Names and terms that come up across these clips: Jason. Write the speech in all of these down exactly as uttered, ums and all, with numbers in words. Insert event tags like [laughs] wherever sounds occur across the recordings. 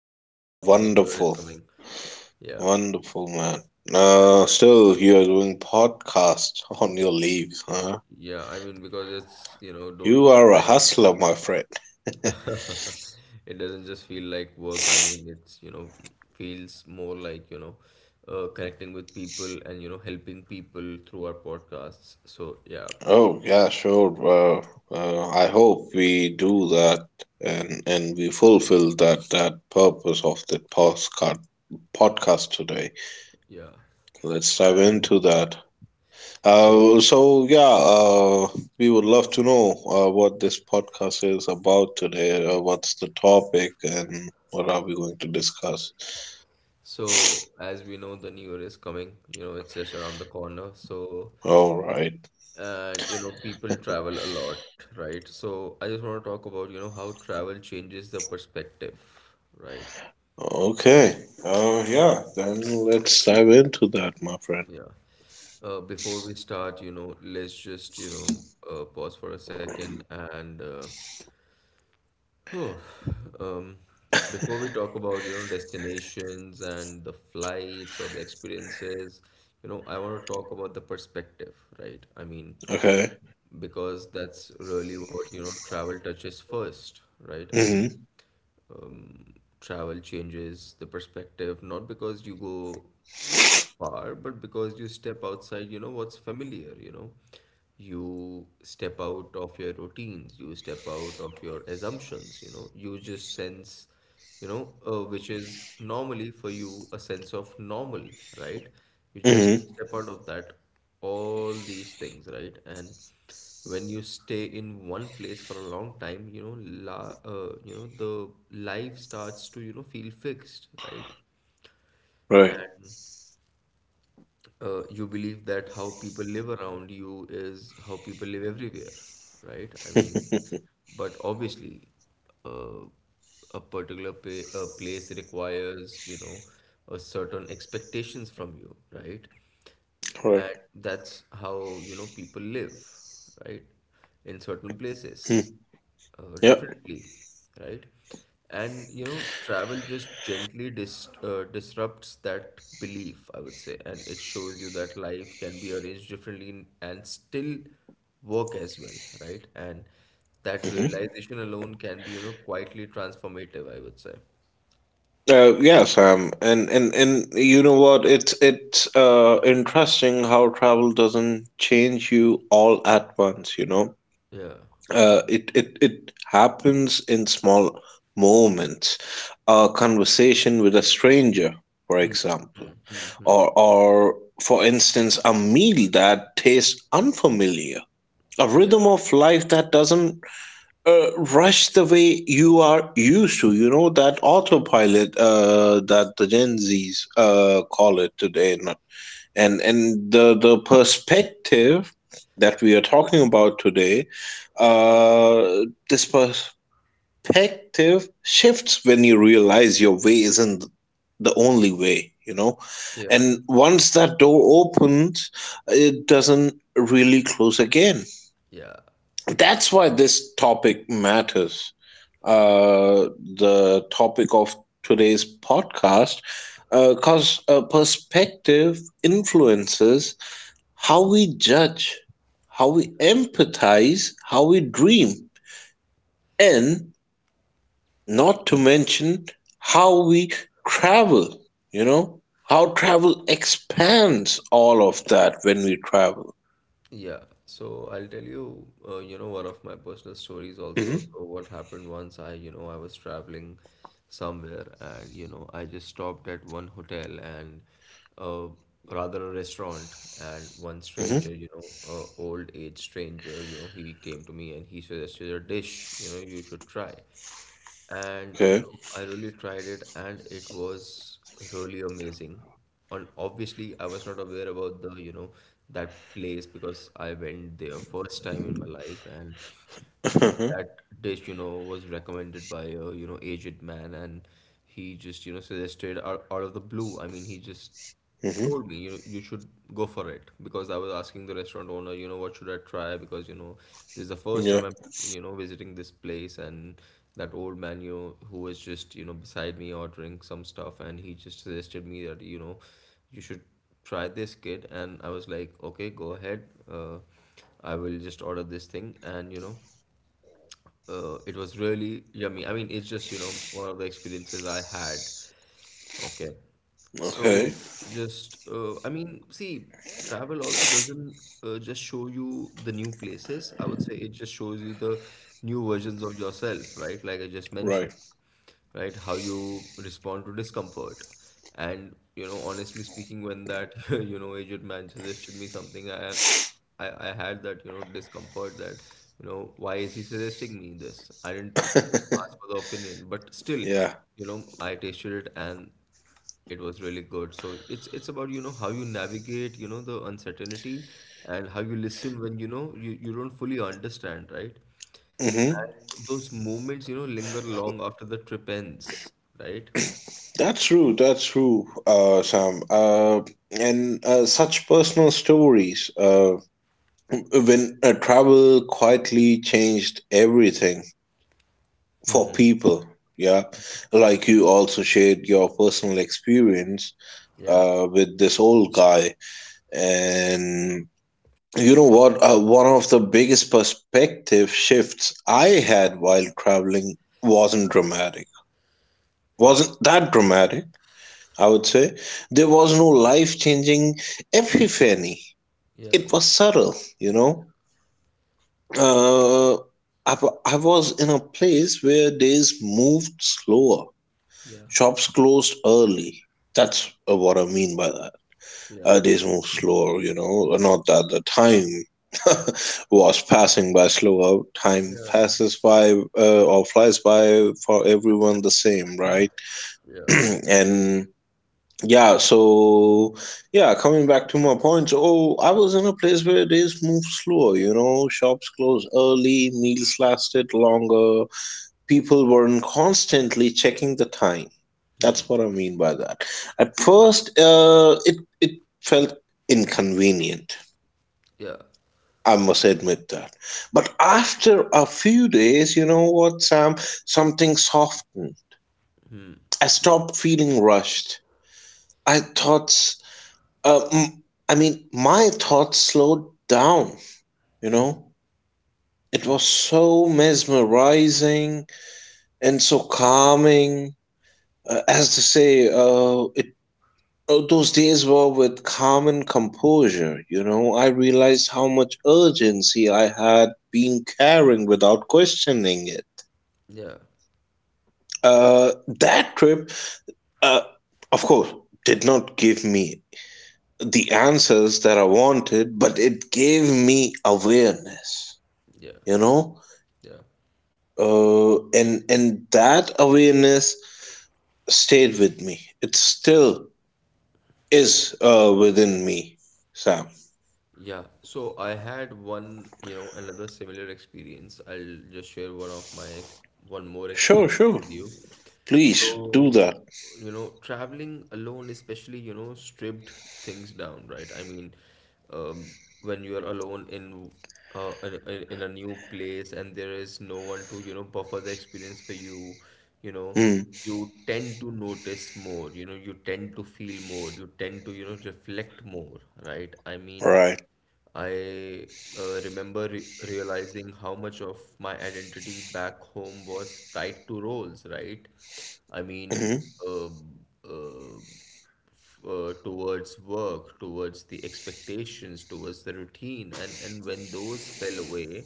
you know, Uh, because New Year is Wonderful, coming. Yeah. wonderful, man. Uh, still, you're doing podcast [laughs] on your leave, huh? Yeah, I mean, because it's, you know, don't You feel are a hustler, my friend. like [laughs] it doesn't just feel like work. I mean, it's, you know, feels more like, you know, uh, connecting with people and, you know, helping people through our podcasts. So, yeah. Oh, yeah, sure. Uh, uh, I hope we do that and and we fulfill that that purpose of the podcast podcast today. Yeah. Let's dive And into that. Uh, so So yeah, uh, we would love to know uh, what this podcast is about today. Uh, what's the topic, and what are we going to discuss? So, as we know, the new year is coming, you know, it's just around the corner. So, All right. and you know, people travel a lot, right? So, I just want to talk about, you know, how travel changes the perspective, right? Okay. Uh, yeah. Then let's dive into that, my friend. Yeah. Uh, before we start, you know, let's just, you know, uh, pause for a second and uh, Oh, um, before we talk about, you know, destinations and the flights or the experiences, you know, I want to talk about the perspective, right? I mean, Okay. because that's really what, you know, travel touches first, right? I mean, Mhm. um, travel changes the perspective, not because you go far, but because you step outside, you know what's familiar, you know. You step out of your routines, you step out of your assumptions, you know. You just sense, you know, uh, which is normally for you a sense of normal, right? You just Mhm. step out of that, all these things, right? And when you stay in one place for a long time, you know, la, uh, you know, the life starts to, you know, feel fixed, right? Right. Uh, you believe that how people live around you is how people live everywhere, right? I mean, but obviously, uh, a particular pa- a place requires, you know, a certain expectations from you, right? And Right. that's how, you know, people live, right? In certain Hmm. places. Uh, Yep. Differently, right? And you know, travel just gently dis uh, disrupts that belief, I would say, and it shows you that life can be arranged differently n- and still work as well, right? And that Hmm. realization alone can be, you know, quietly transformative, I would say. Uh, yeah, Sam, and and and you know what? It's it's uh interesting how travel doesn't change you all at once. You know, Yeah, uh, it, it it happens in small moments, a conversation with a stranger, for example, or or for instance a meal that tastes unfamiliar, a yeah, rhythm of life that doesn't uh, rush the way you are used to, you know, that autopilot uh, that the gen z's uh, call it today. And and the the perspective that we are talking about today, uh this perspective shifts when you realize your way isn't the only way, you know, yeah, and once that door opens, it doesn't really close again. yeah. That's why this topic matters, uh the topic of today's podcast, because uh, perspective influences how we judge, how we empathize, how we dream, and not to mention how we travel, you know, how travel expands all of that when we travel. Yeah, so I'll tell you, uh, you know, one of my personal stories also. Hmm. So what happened once I, you know, I was traveling somewhere and, you know, I just stopped at one hotel and uh, rather a restaurant and one stranger, Hmm. you know, a old age stranger, you know, he came to me and he suggested a dish, you know, you should try. And you Okay. know, I really tried it and it was really amazing. And obviously, I was not aware about the, you know, that place because I went there first time in my life and [laughs] Hmm. that dish, you know, was recommended by a, you know, aged man and he just, you know, suggested out, out of the blue. I mean, he just told me, you know, you should go for it because I was asking the restaurant owner, you know, what should I try? Because, you know, this is the first Yeah. time I'm, you know, visiting this place and that old man, you know, who was just, you know, beside me ordering some stuff and he just suggested me that, you know, you should try this kid and I was like, okay, go ahead. Uh, I will just order this thing and, you know, uh, it was really yummy. I mean, it's just, you know, one of the experiences I had. Okay. So Okay. just, uh, I mean, see, travel also doesn't uh, just show you the new places. I would say it just shows you the new versions of yourself, right? Like I just mentioned, Right. right? How you respond to discomfort. And, you know, honestly speaking, when that, [laughs] you know, aged man suggested me something, I, I, I had that, you know, discomfort that, you know, why is he suggesting me this? I didn't, you know, [laughs] ask for the opinion, but still, Yeah. you know, I tasted it and it was really good. So it's it's about, you know, how you navigate, you know, the uncertainty and how you listen when, you know, you, you don't fully understand, right? Hmm. And those moments, you know, linger long after the trip ends, right? That's true. That's true, uh, Sam. Uh, and uh, such personal stories. Uh, when uh, travel quietly changed everything for Mm-hmm. people. Yeah, like you also shared your personal experience Yeah. uh, with this old guy. And you know what, uh, one of the biggest perspective shifts I had while traveling wasn't dramatic, Yeah. wasn't that dramatic, I would say. There was no life changing epiphany. Yeah. It was subtle, you know. Uh, I, wa- I was in a place where days moved slower. Yeah. Shops closed early. That's uh, what I mean by that. Yeah. Uh, days moved slower, you know. Not that the time [laughs] was passing by slower. Time Yeah. Yeah. passes by uh, or flies by for everyone the same, right? [clears throat] Yeah. And yeah, so yeah, coming back to my points. Oh, I was in a place where days moved slower, you know, shops closed early, meals lasted longer, people weren't constantly checking the time. Hmm. That's what I mean by that. At first, uh, it it felt inconvenient. Yeah. I must admit that. But after a few days, you know what, Sam? Something softened. I Yeah. stopped feeling rushed. I thought Uh, m- I mean, my thoughts slowed down, you know? It Hmm. was so mesmerizing and so calming. Uh, as to say, uh, it, uh, those days were with calm and composure, you know? I realized how much urgency I had been carrying without questioning it. Yeah. Uh, that trip, uh, of course, did not give me the answers that I wanted, but it gave me awareness, Yeah. you know. Yeah. Uh, and and that awareness stayed with me. It still is uh, within me, Sam. Yeah, so I had one, you know, another similar experience. I'll just share one of my ex one more Sure, experience sure. with you. Please do So, that. you know, traveling alone, especially, you know, stripped things down, right? I mean, um, when you are alone in uh, in, in in a new place and there is no one to, you know, buffer the experience for you, you know, Hmm. you tend to notice more, you know, you tend to feel more, you tend to, you know, reflect more, right? I mean, Right. I uh, remember re realizing how much of my identity back home was tied to roles, right? I mean, Mm-hmm, uh, uh, uh, towards work, towards the expectations, towards the routine, and and when those fell away,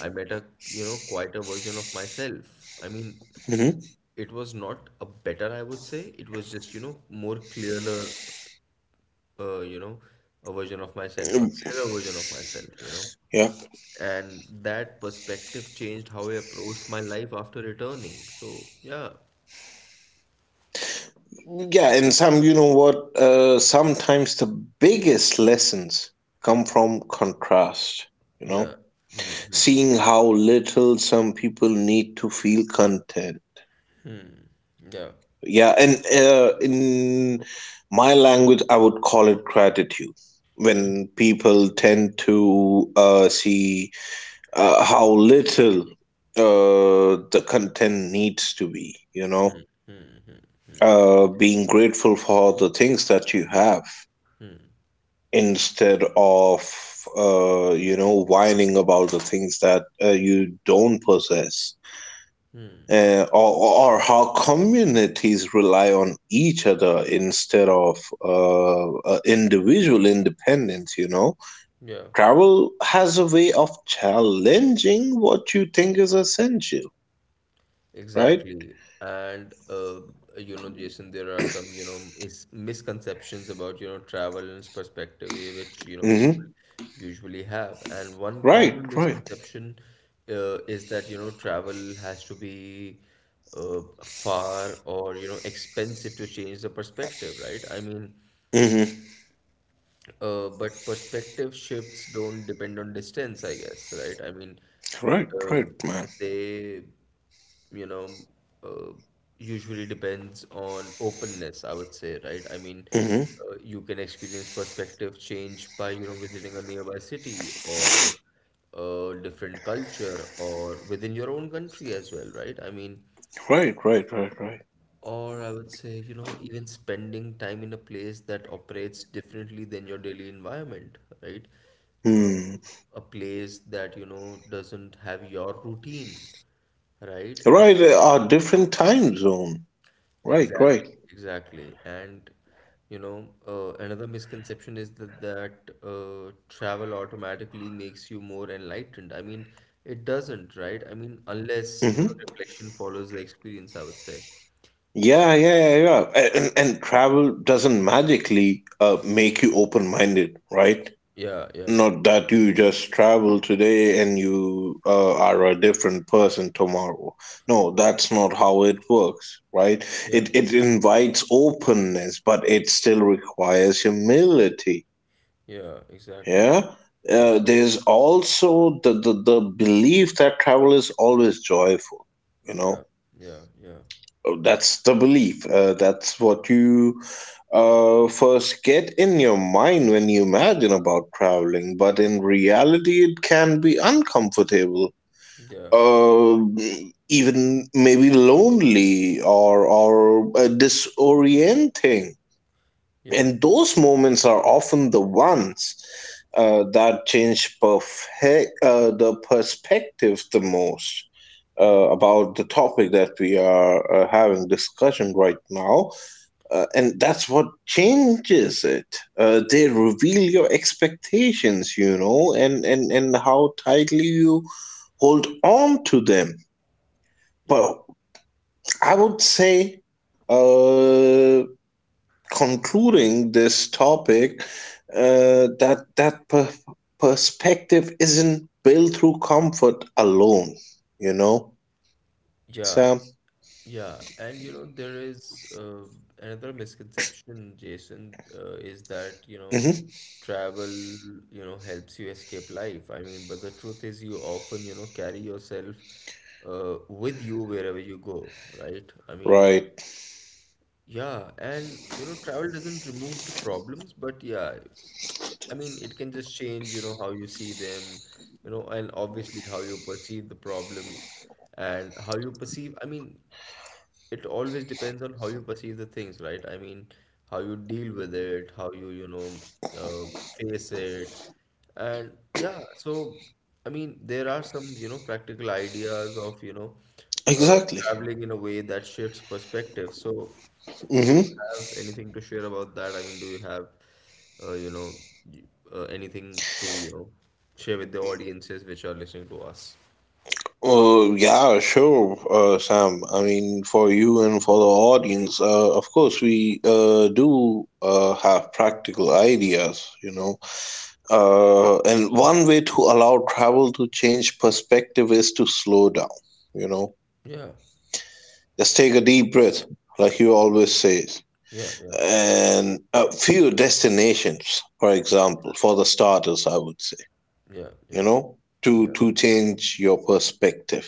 I met a you know quieter version of myself. I mean, mm-hmm. it was not a better, I would say. It was just you know more clearer, uh, you know, a version of myself, a Um. clearer version of myself, you know. yeah And that perspective changed how I approached my life after returning. So yeah, yeah and Sam, you know what, uh, sometimes the biggest lessons come from contrast, you know, yeah, hmm hmm. seeing how little some people need to feel content. Yeah, Yeah, and uh, in my language, I would call it gratitude. When people tend to uh, see uh, how little uh, the content needs to be, you know, uh, being grateful for the things that you have instead of, uh, you know, whining about the things that uh, you don't possess, uh, or, or how communities rely on each other instead of uh, uh, individual independence, you know. yeah. Travel has a way of challenging what you think is essential, right? Exactly. And uh, you know, Jason, there are some, you know, is misconceptions about, you know, travel and its perspective eh, which, you know, people Mm-hmm. usually have. And one Right, common right. misconception uh, is that, you know, travel has to be uh, far or, you know, expensive to change the perspective, right? I mean, Mm-hmm. uh, but perspective shifts don't depend on distance, I guess, right? I mean, Right, uh, right, man. they, you know, uh, usually depends on openness, I would say, right? I mean, Mm-hmm. uh, you can experience perspective change by, you know, visiting a nearby city or a different culture or within your own country as well, right? I mean, Right, right, right, right. or I would say, you know, even spending time in a place that operates differently than your daily environment, right? Uh, Hmm. a place that, you know, doesn't have your routine, right? A Right, uh, place, our different time zone. Right, exactly, right. exactly. And, you know, uh, another misconception is that, that uh, travel automatically makes you more enlightened. I mean, it doesn't, right? I mean, unless, you know, Mm-hmm. reflection follows the experience, I would say. Yeah, yeah, yeah, yeah. A- And, and travel doesn't magically uh, make you open minded, right? Yeah, yeah, Not that you just travel today and you uh, are a different person tomorrow. No, that's not how it works, right? yeah. It, it invites openness, but it still requires humility. Yeah, exactly. Yeah? Yeah, Uh, there's also the, the, the belief that travel is always joyful, you yeah, know? yeah, yeah, Oh, that's the belief. Uh, that's what you uh, first get in your mind when you imagine about traveling, but in reality, it can be uncomfortable. yeah, Uh, Even maybe lonely or or uh, disorienting. yeah, And those moments are often the ones uh, that change perfect, uh, the perspective the most, uh, yeah, about the topic that we are uh, having discussion right now. Uh, and that's what changes it. Uh, they reveal your expectations, you know, and, and, and how tightly you hold on to them. yeah, But I would say, uh, concluding this topic, uh, that that per- perspective isn't built through comfort alone, you know, yeah, Sam. yeah. And you know, there is uh, another misconception, Jason, uh, is that, you know, Hmm. travel, you know, helps you escape life. I mean, but the truth is you often, you know, carry yourself uh, with you wherever you go, right? I mean, Right. yeah, and you know, travel doesn't remove the problems, but yeah, I mean, it can just change, you know, how you see them, you know, and obviously how you perceive the problems and how you perceive. I mean, it always depends on how you perceive the things, right? I mean, how you deal with it, how you, you know, uh, face it. And yeah, so I mean, there are some, you know, practical ideas of, you know, uh, Exactly. traveling in a way that shifts perspective. So, do you Hmm. have anything to share about that? I mean, do you have, uh, you know, y- uh, anything to, you know, share with the audiences which are listening to us? Uh, yeah, sure, uh, Sam. I mean, for you and for the audience, uh, of course we uh, do uh, have practical ideas, you know. Uh, and one way to allow travel to change perspective is to slow down, you know. Yeah, Just take a deep breath, like you always say, yeah, yeah, and a few destinations, for example, for the starters, I would say, yeah, you yeah, know, to to change your perspective.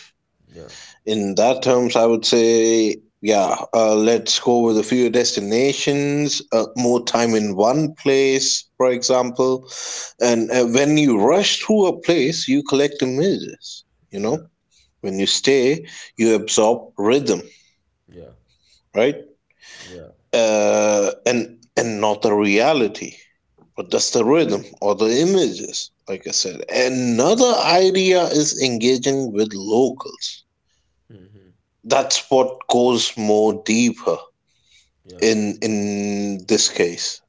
yeah, In that terms, I would say, yeah, uh, let's go with a few destinations, uh, more time in one place, for example, and yeah. uh, when you rush through a place, you collect images. You Yeah, know, when you stay, you absorb rhythm, yeah, right? yeah, uh, and and not the reality, but that's the rhythm or the images, like I said. Another idea is engaging with locals. That's what goes more deeper yeah, in in this case.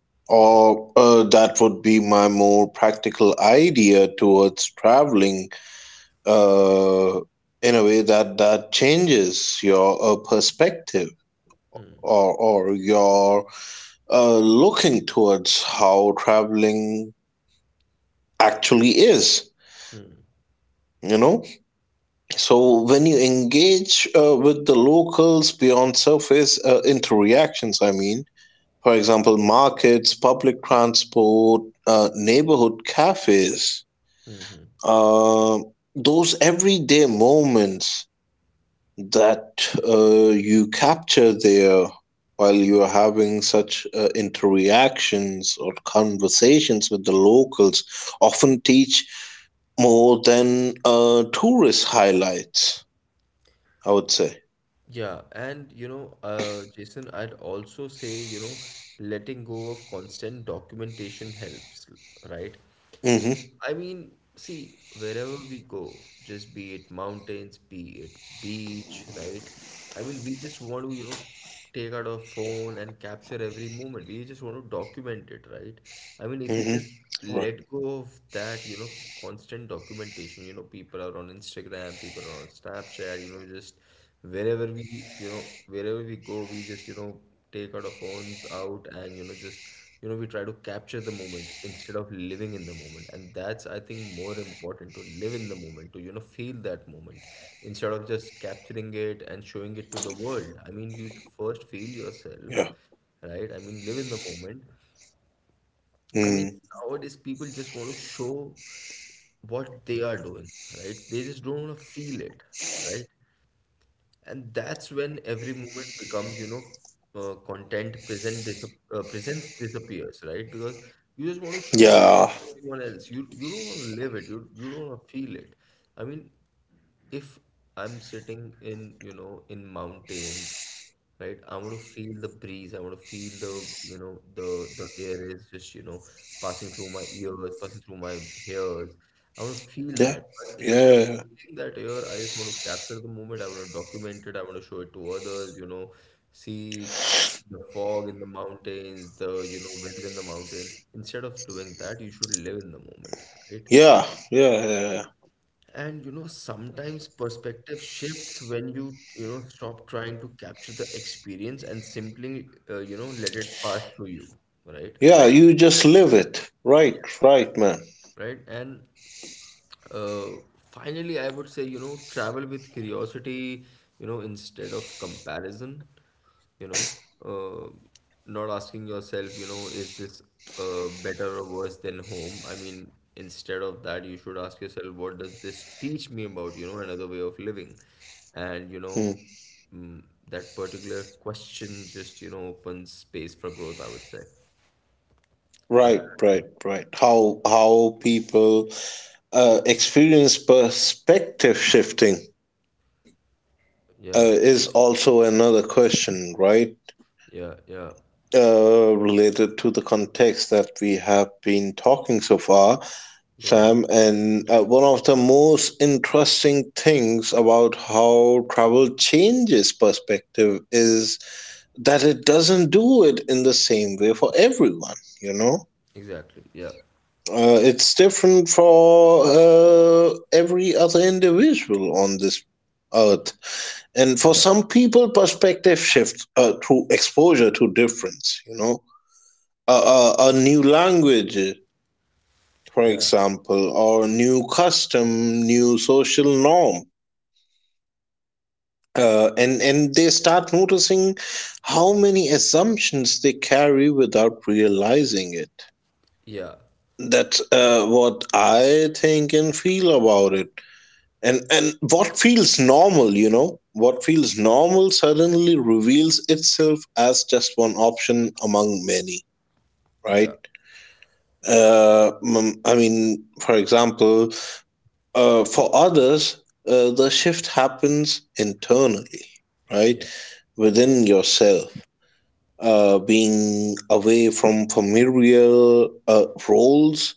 yeah. Or uh, that would be my more practical idea towards traveling, uh, in a way that that changes your uh, perspective Hmm. or or your uh, looking towards how traveling actually is, you know. So when you engage uh, with the locals beyond surface uh, interactions, I mean, for example, markets, public transport, uh, neighborhood cafes, Mm-hmm. uh, those everyday moments that uh, you capture there while you're having such uh, interactions or conversations with the locals often teach more than uh, tourist highlights, I would say. Yeah, and you know, uh, Jason, I'd also say, you know, letting go of constant documentation helps, right? Mm-hmm. I mean, see, wherever we go, just be it mountains, be it beach, right? I mean, we just want to, you know, take out our phone and capture every moment. We just want to document it, right? I mean, if you just Mm-hmm. Right. let go of that, you know, constant documentation, you know, people are on Instagram, people are on Snapchat, you know, just wherever we, you know, wherever we go, we just, you know, take out our phones out and, you know, just you know we try to capture the moment instead of living in the moment and that's I think more important to live in the moment to you know feel that moment instead of just capturing it and showing it to the world I mean you first feel yourself Yeah. right I mean live in the moment I mean Mm. nowadays people just want to show what they are doing right they just don't want to feel it right and that's when every moment becomes, you know, uh, content present dis uh, presence disappears, right? Because you just want to show it Yeah. to everyone else. You you don't want to live it. You you don't want to feel it. I mean, if I'm sitting in, you know, in mountains, right? I want to feel the breeze. I want to feel the, you know, the the air is just, you know, passing through my ears, passing through my hairs. I want to feel Yeah. that. But instead of Yeah. Yeah. feeling that air, I just want to capture the moment. I want to document it. I want to show it to others, you know, see the fog in the mountains, the, you know, weather in the mountains. Instead of doing that, you should live in the moment, right? Yeah. Yeah. Yeah. And you know, sometimes perspective shifts when you, you know, stop trying to capture the experience and simply, uh, you know, let it pass through you, right? Yeah, Like, you just live it. Right. Right, man. right? And uh, finally, I would say, you know, travel with curiosity, you know, instead of comparison, you know, uh, not asking yourself, you know, is this uh, better or worse than home? I mean, instead of that, you should ask yourself, what does this teach me about, you know, another way of living? And, you know, Mm. mm, that particular question just, you know, opens space for growth, I would say. Right. And Right. Right. How how people Uh, experience perspective shifting uh, yeah, is also another question, right? yeah, yeah, Uh, related to the context that we have been talking so far, yeah, Sam. And uh, one of the most interesting things about how travel changes perspective is that it doesn't do it in the same way for everyone, you know? exactly. Yeah. Uh, it's different for uh, every other individual on this earth. And for Yeah. some people, perspective shifts uh, through exposure to difference, you know, a, a, a new language, for Yeah, example, or new custom, new social norm. Uh, and, and they start noticing how many assumptions they carry without realizing it. yeah, That's uh, what I think and feel about it. and and what feels normal, you know, what feels normal suddenly reveals itself as just one option among many, yeah, right? uh, mm, I mean, for example, uh, for others, uh, the shift happens internally, yeah, right? yeah, Within yourself, uh, being away from familiar uh, roles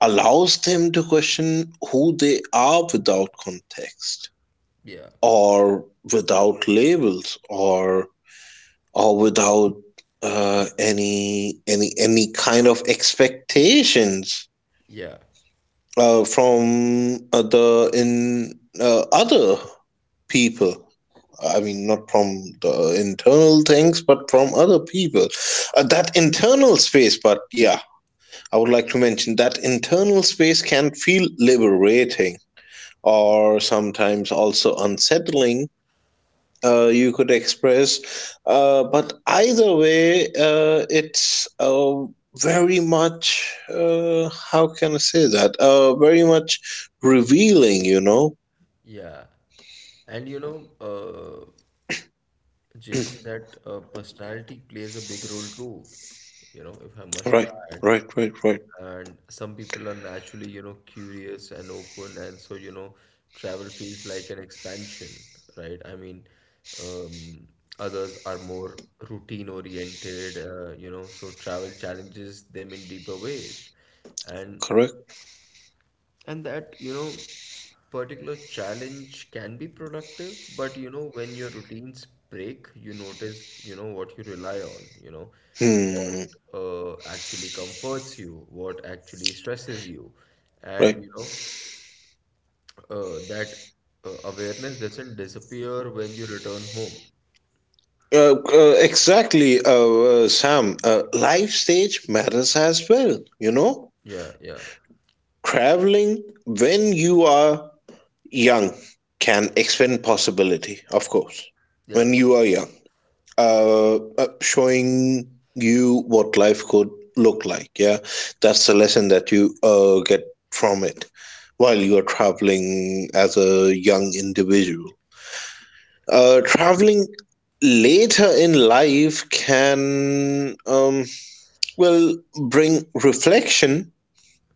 allows them to question who they are without context yeah, or without labels or or without uh, any any any kind of expectations yeah, uh, from other in uh, other people. I mean, not from the internal things but from other people, uh, that internal space. But yeah, I would like to mention that internal space can feel liberating yeah, or sometimes also unsettling, uh, you could express. Uh, but either way, uh, it's uh, very much, uh, how can I say that? Uh, very much revealing, you know? yeah. And you know, uh, Jason, that uh, personality plays a big role too, you know, if I must Right, add. right, right, right. And some people are naturally, you know, curious and open, and so, you know, travel feels like an expansion, right? I mean, um, others are more routine oriented, uh, you know, so travel challenges them in deeper ways. And Correct. and that, you know, particular challenge can be productive, but you know, when your routines break, you notice, you know, what you rely on, you know, what Hmm, uh, actually comforts you, what actually stresses you. And, right. you know, uh, that uh, awareness doesn't disappear when you return home. Uh, uh, exactly, uh, uh, Sam. Uh, life stage matters as well, you know? Yeah, yeah, Traveling when you are young can expand possibility, of course. yeah, When you are young, uh, uh, showing you what life could look like. Yeah, that's the lesson that you uh, get from it while you're traveling as a young individual. Uh, traveling later in life can, um, well, bring reflection,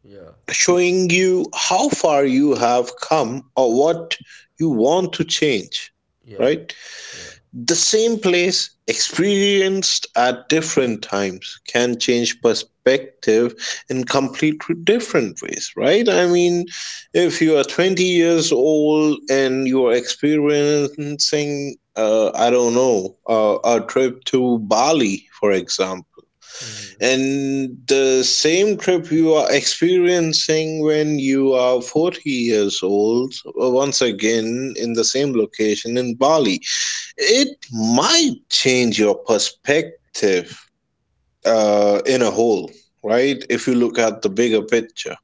yeah, showing you how far you have come or what you want to change, yeah, right? yeah. The same place, experienced at different times, can change perspective in completely different ways, right? I mean, if you are twenty years old and you are experiencing, uh, I don't know, uh, a trip to Bali, for example, Hmm. and the same trip you are experiencing when you are forty years old, uh, once again in the same location in Bali, it might change your perspective uh, in a whole, right? If you look at the bigger picture.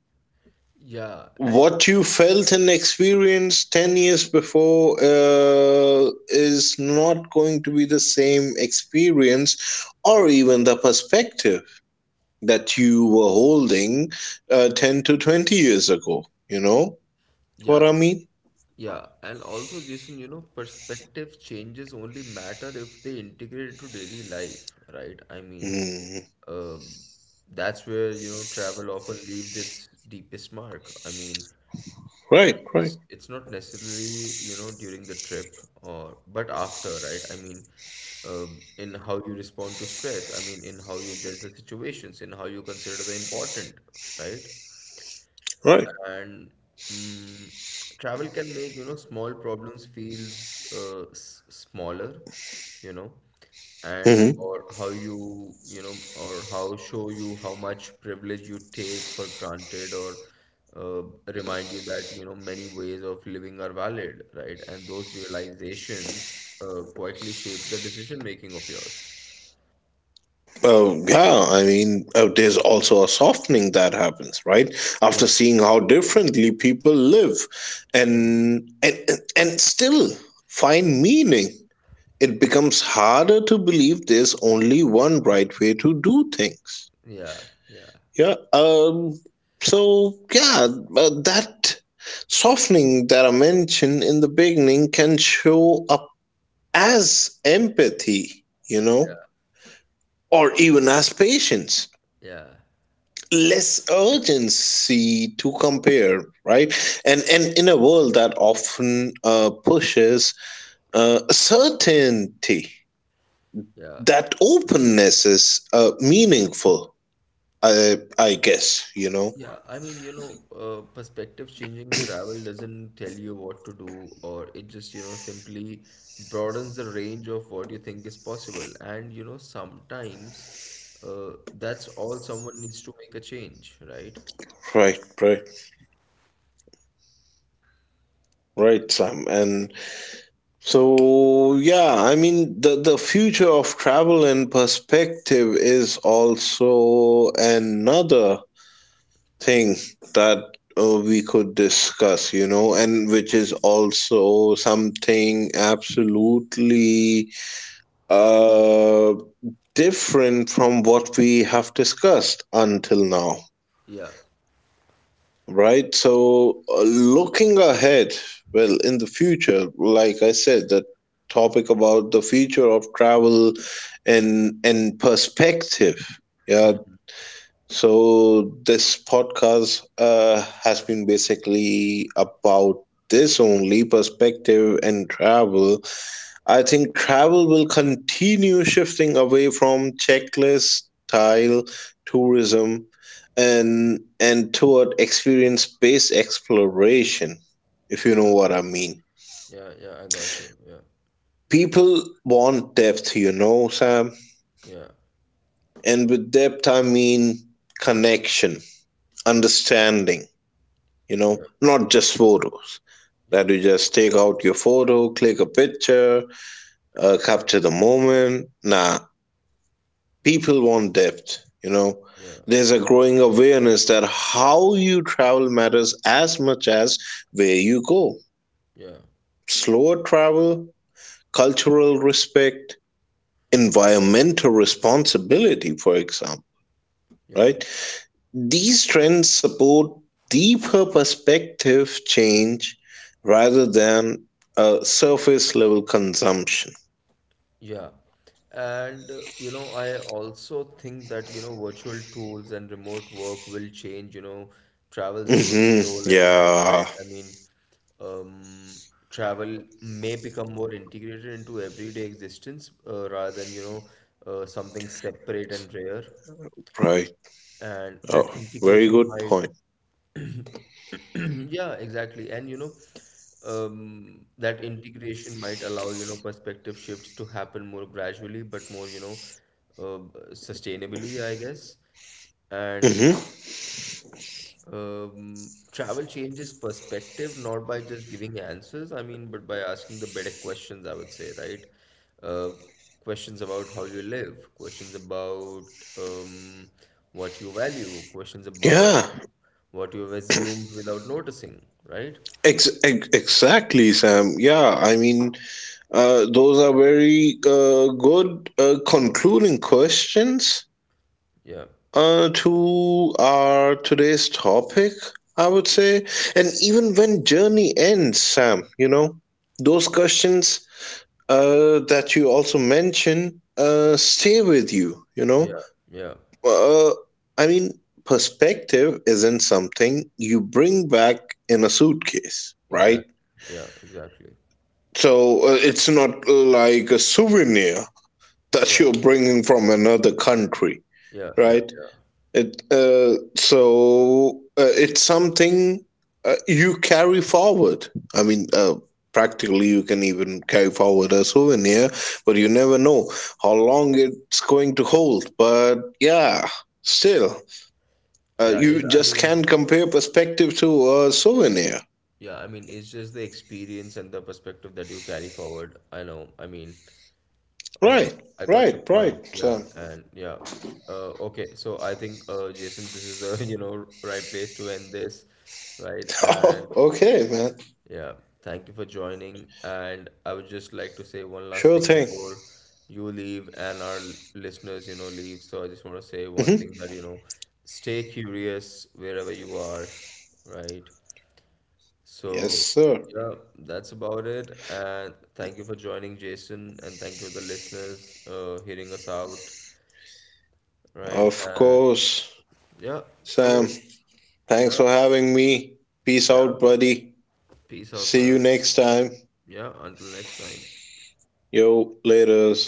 Yeah, and What you felt and experienced ten years before uh, is not going to be the same experience or even the perspective that you were holding, uh, ten to twenty years ago. You know what yeah, I mean? yeah, and also, Jason, you know, perspective changes only matter if they integrate into daily life, right? I mean, Mm. um, that's where, you know, travel often leaves its deepest mark. I mean, Right, right, it's it's not necessarily, you know, during the trip or but after, right? I mean, um, in how you respond to stress, I mean, in how you judge the situations, in how you consider the important, right? right. And mm, travel can make you know small problems feels uh, s smaller, you know, and Mhm. or how you, you know, or how show you how much privilege you take for granted or uh, remind you that you know many ways of living are valid, right? And those realizations uh, quietly shape the decision making of yours. Oh, yeah. I mean, uh, there's also a softening that happens, right? After Yeah. seeing how differently people live Hmm. and and and still find meaning, it becomes harder to believe there's only one right way to do things. Yeah, yeah, Yeah. Um. So yeah, uh, that softening that I mentioned in the beginning can show up as empathy, you know, yeah, or even as patience, yeah, less urgency to compare, right? And and in a world that often uh, pushes uh, certainty, yeah. that openness is uh, meaningful, i i guess, you know. Yeah, I mean, you know, uh, perspective changing travel doesn't tell you what to do, or it just, you know, simply broadens the range of what you think is possible. And, you know, sometimes uh, that's all someone needs to make a change, right? Right, right, right, Sam. And so yeah, I mean, the the future of travel and perspective is also another thing that uh, we could discuss, you know, and which is also something absolutely uh, different from what we have discussed until now, Yeah. right? So, uh, looking ahead, well, in the future, like I said, the topic about the future of travel and and perspective. Yeah, Hmm. so, this podcast uh, has been basically about this only perspective and travel. I think travel will continue shifting away from checklist style tourism and and toward experience based exploration, if you Yeah. know what I mean. Yeah. Yeah. I got you. Yeah. People want depth, you know, Sam, Yeah. and with depth I mean connection, Yeah. understanding, you know, Yeah. not just photos Yeah. that you just take out your photo, click a picture, uh, capture the moment. Nah, people want depth, you know. Yeah. There's a growing awareness that how you travel matters as much as where you go, Yeah. slower travel, cultural respect, environmental responsibility, for example, Yeah. right? These trends support deeper perspective change rather than a surface level consumption. Yeah. And uh, you know, I also think that you know, virtual tools and remote work will change, you know, travel's role Hmm. role in life, Yeah, right? I mean, um, travel may become more integrated into everyday existence uh, rather than, you know, uh, something separate and rare, right. and Oh, that very integration good might point. [clears throat] yeah exactly, and you know, um, that integration might allow you know perspective shifts to happen more gradually but more, you know, uh, sustainably I guess. And Hmm. um, travel changes perspective not by just giving answers, I mean, but by asking the better questions, I would say, right? uh, Questions about how you live, questions about um, what you value, questions about Yeah, what you've assumed without noticing, right? ex- ex- exactly, Sam. Yeah, I mean, uh, those are very uh, good uh, concluding questions, Yeah, uh, to our today's topic, I would say. And even when journey ends, Sam, you know, those yeah, questions uh, that you also mentioned uh, stay with you, you know. yeah, yeah, Uh, I mean, perspective isn't something you bring back in a suitcase, exactly. right? Yeah, exactly. So uh, it's not like a souvenir that Yeah, you're bringing from another country, yeah, yeah, right? yeah. It uh, so uh, it's something, uh, you carry forward. I mean, uh, practically you can even carry forward a souvenir, but you never know how long it's going to hold. But yeah, still, uh, Yeah, you it, I just mean, can't compare perspective to a souvenir. yeah, I mean, it's just the experience and the perspective that you carry forward. I know, I mean, uh, Right, I got your right, point. right, Yeah, Sam. and yeah. Uh, okay, so I think, uh, Jason, this is the, [laughs] you know, right place to end this, right? And [laughs] Okay, man. yeah, thank you for joining. And I would just like to say one last Sure thing thing. before you leave and our l- listeners, you know, leave. So I just want to say one thing Hmm. that, you know, stay curious wherever you are, right? Yes, So, sir. yeah, that's about it. And thank you for joining, Jason. And thank you, the listeners, uh, hearing us out, right? Of And course, yeah, Sam. so, yeah, Thanks for having me. Peace yeah, out, buddy. peace out, See you man. next time. Yeah, until next time. Yo, laters.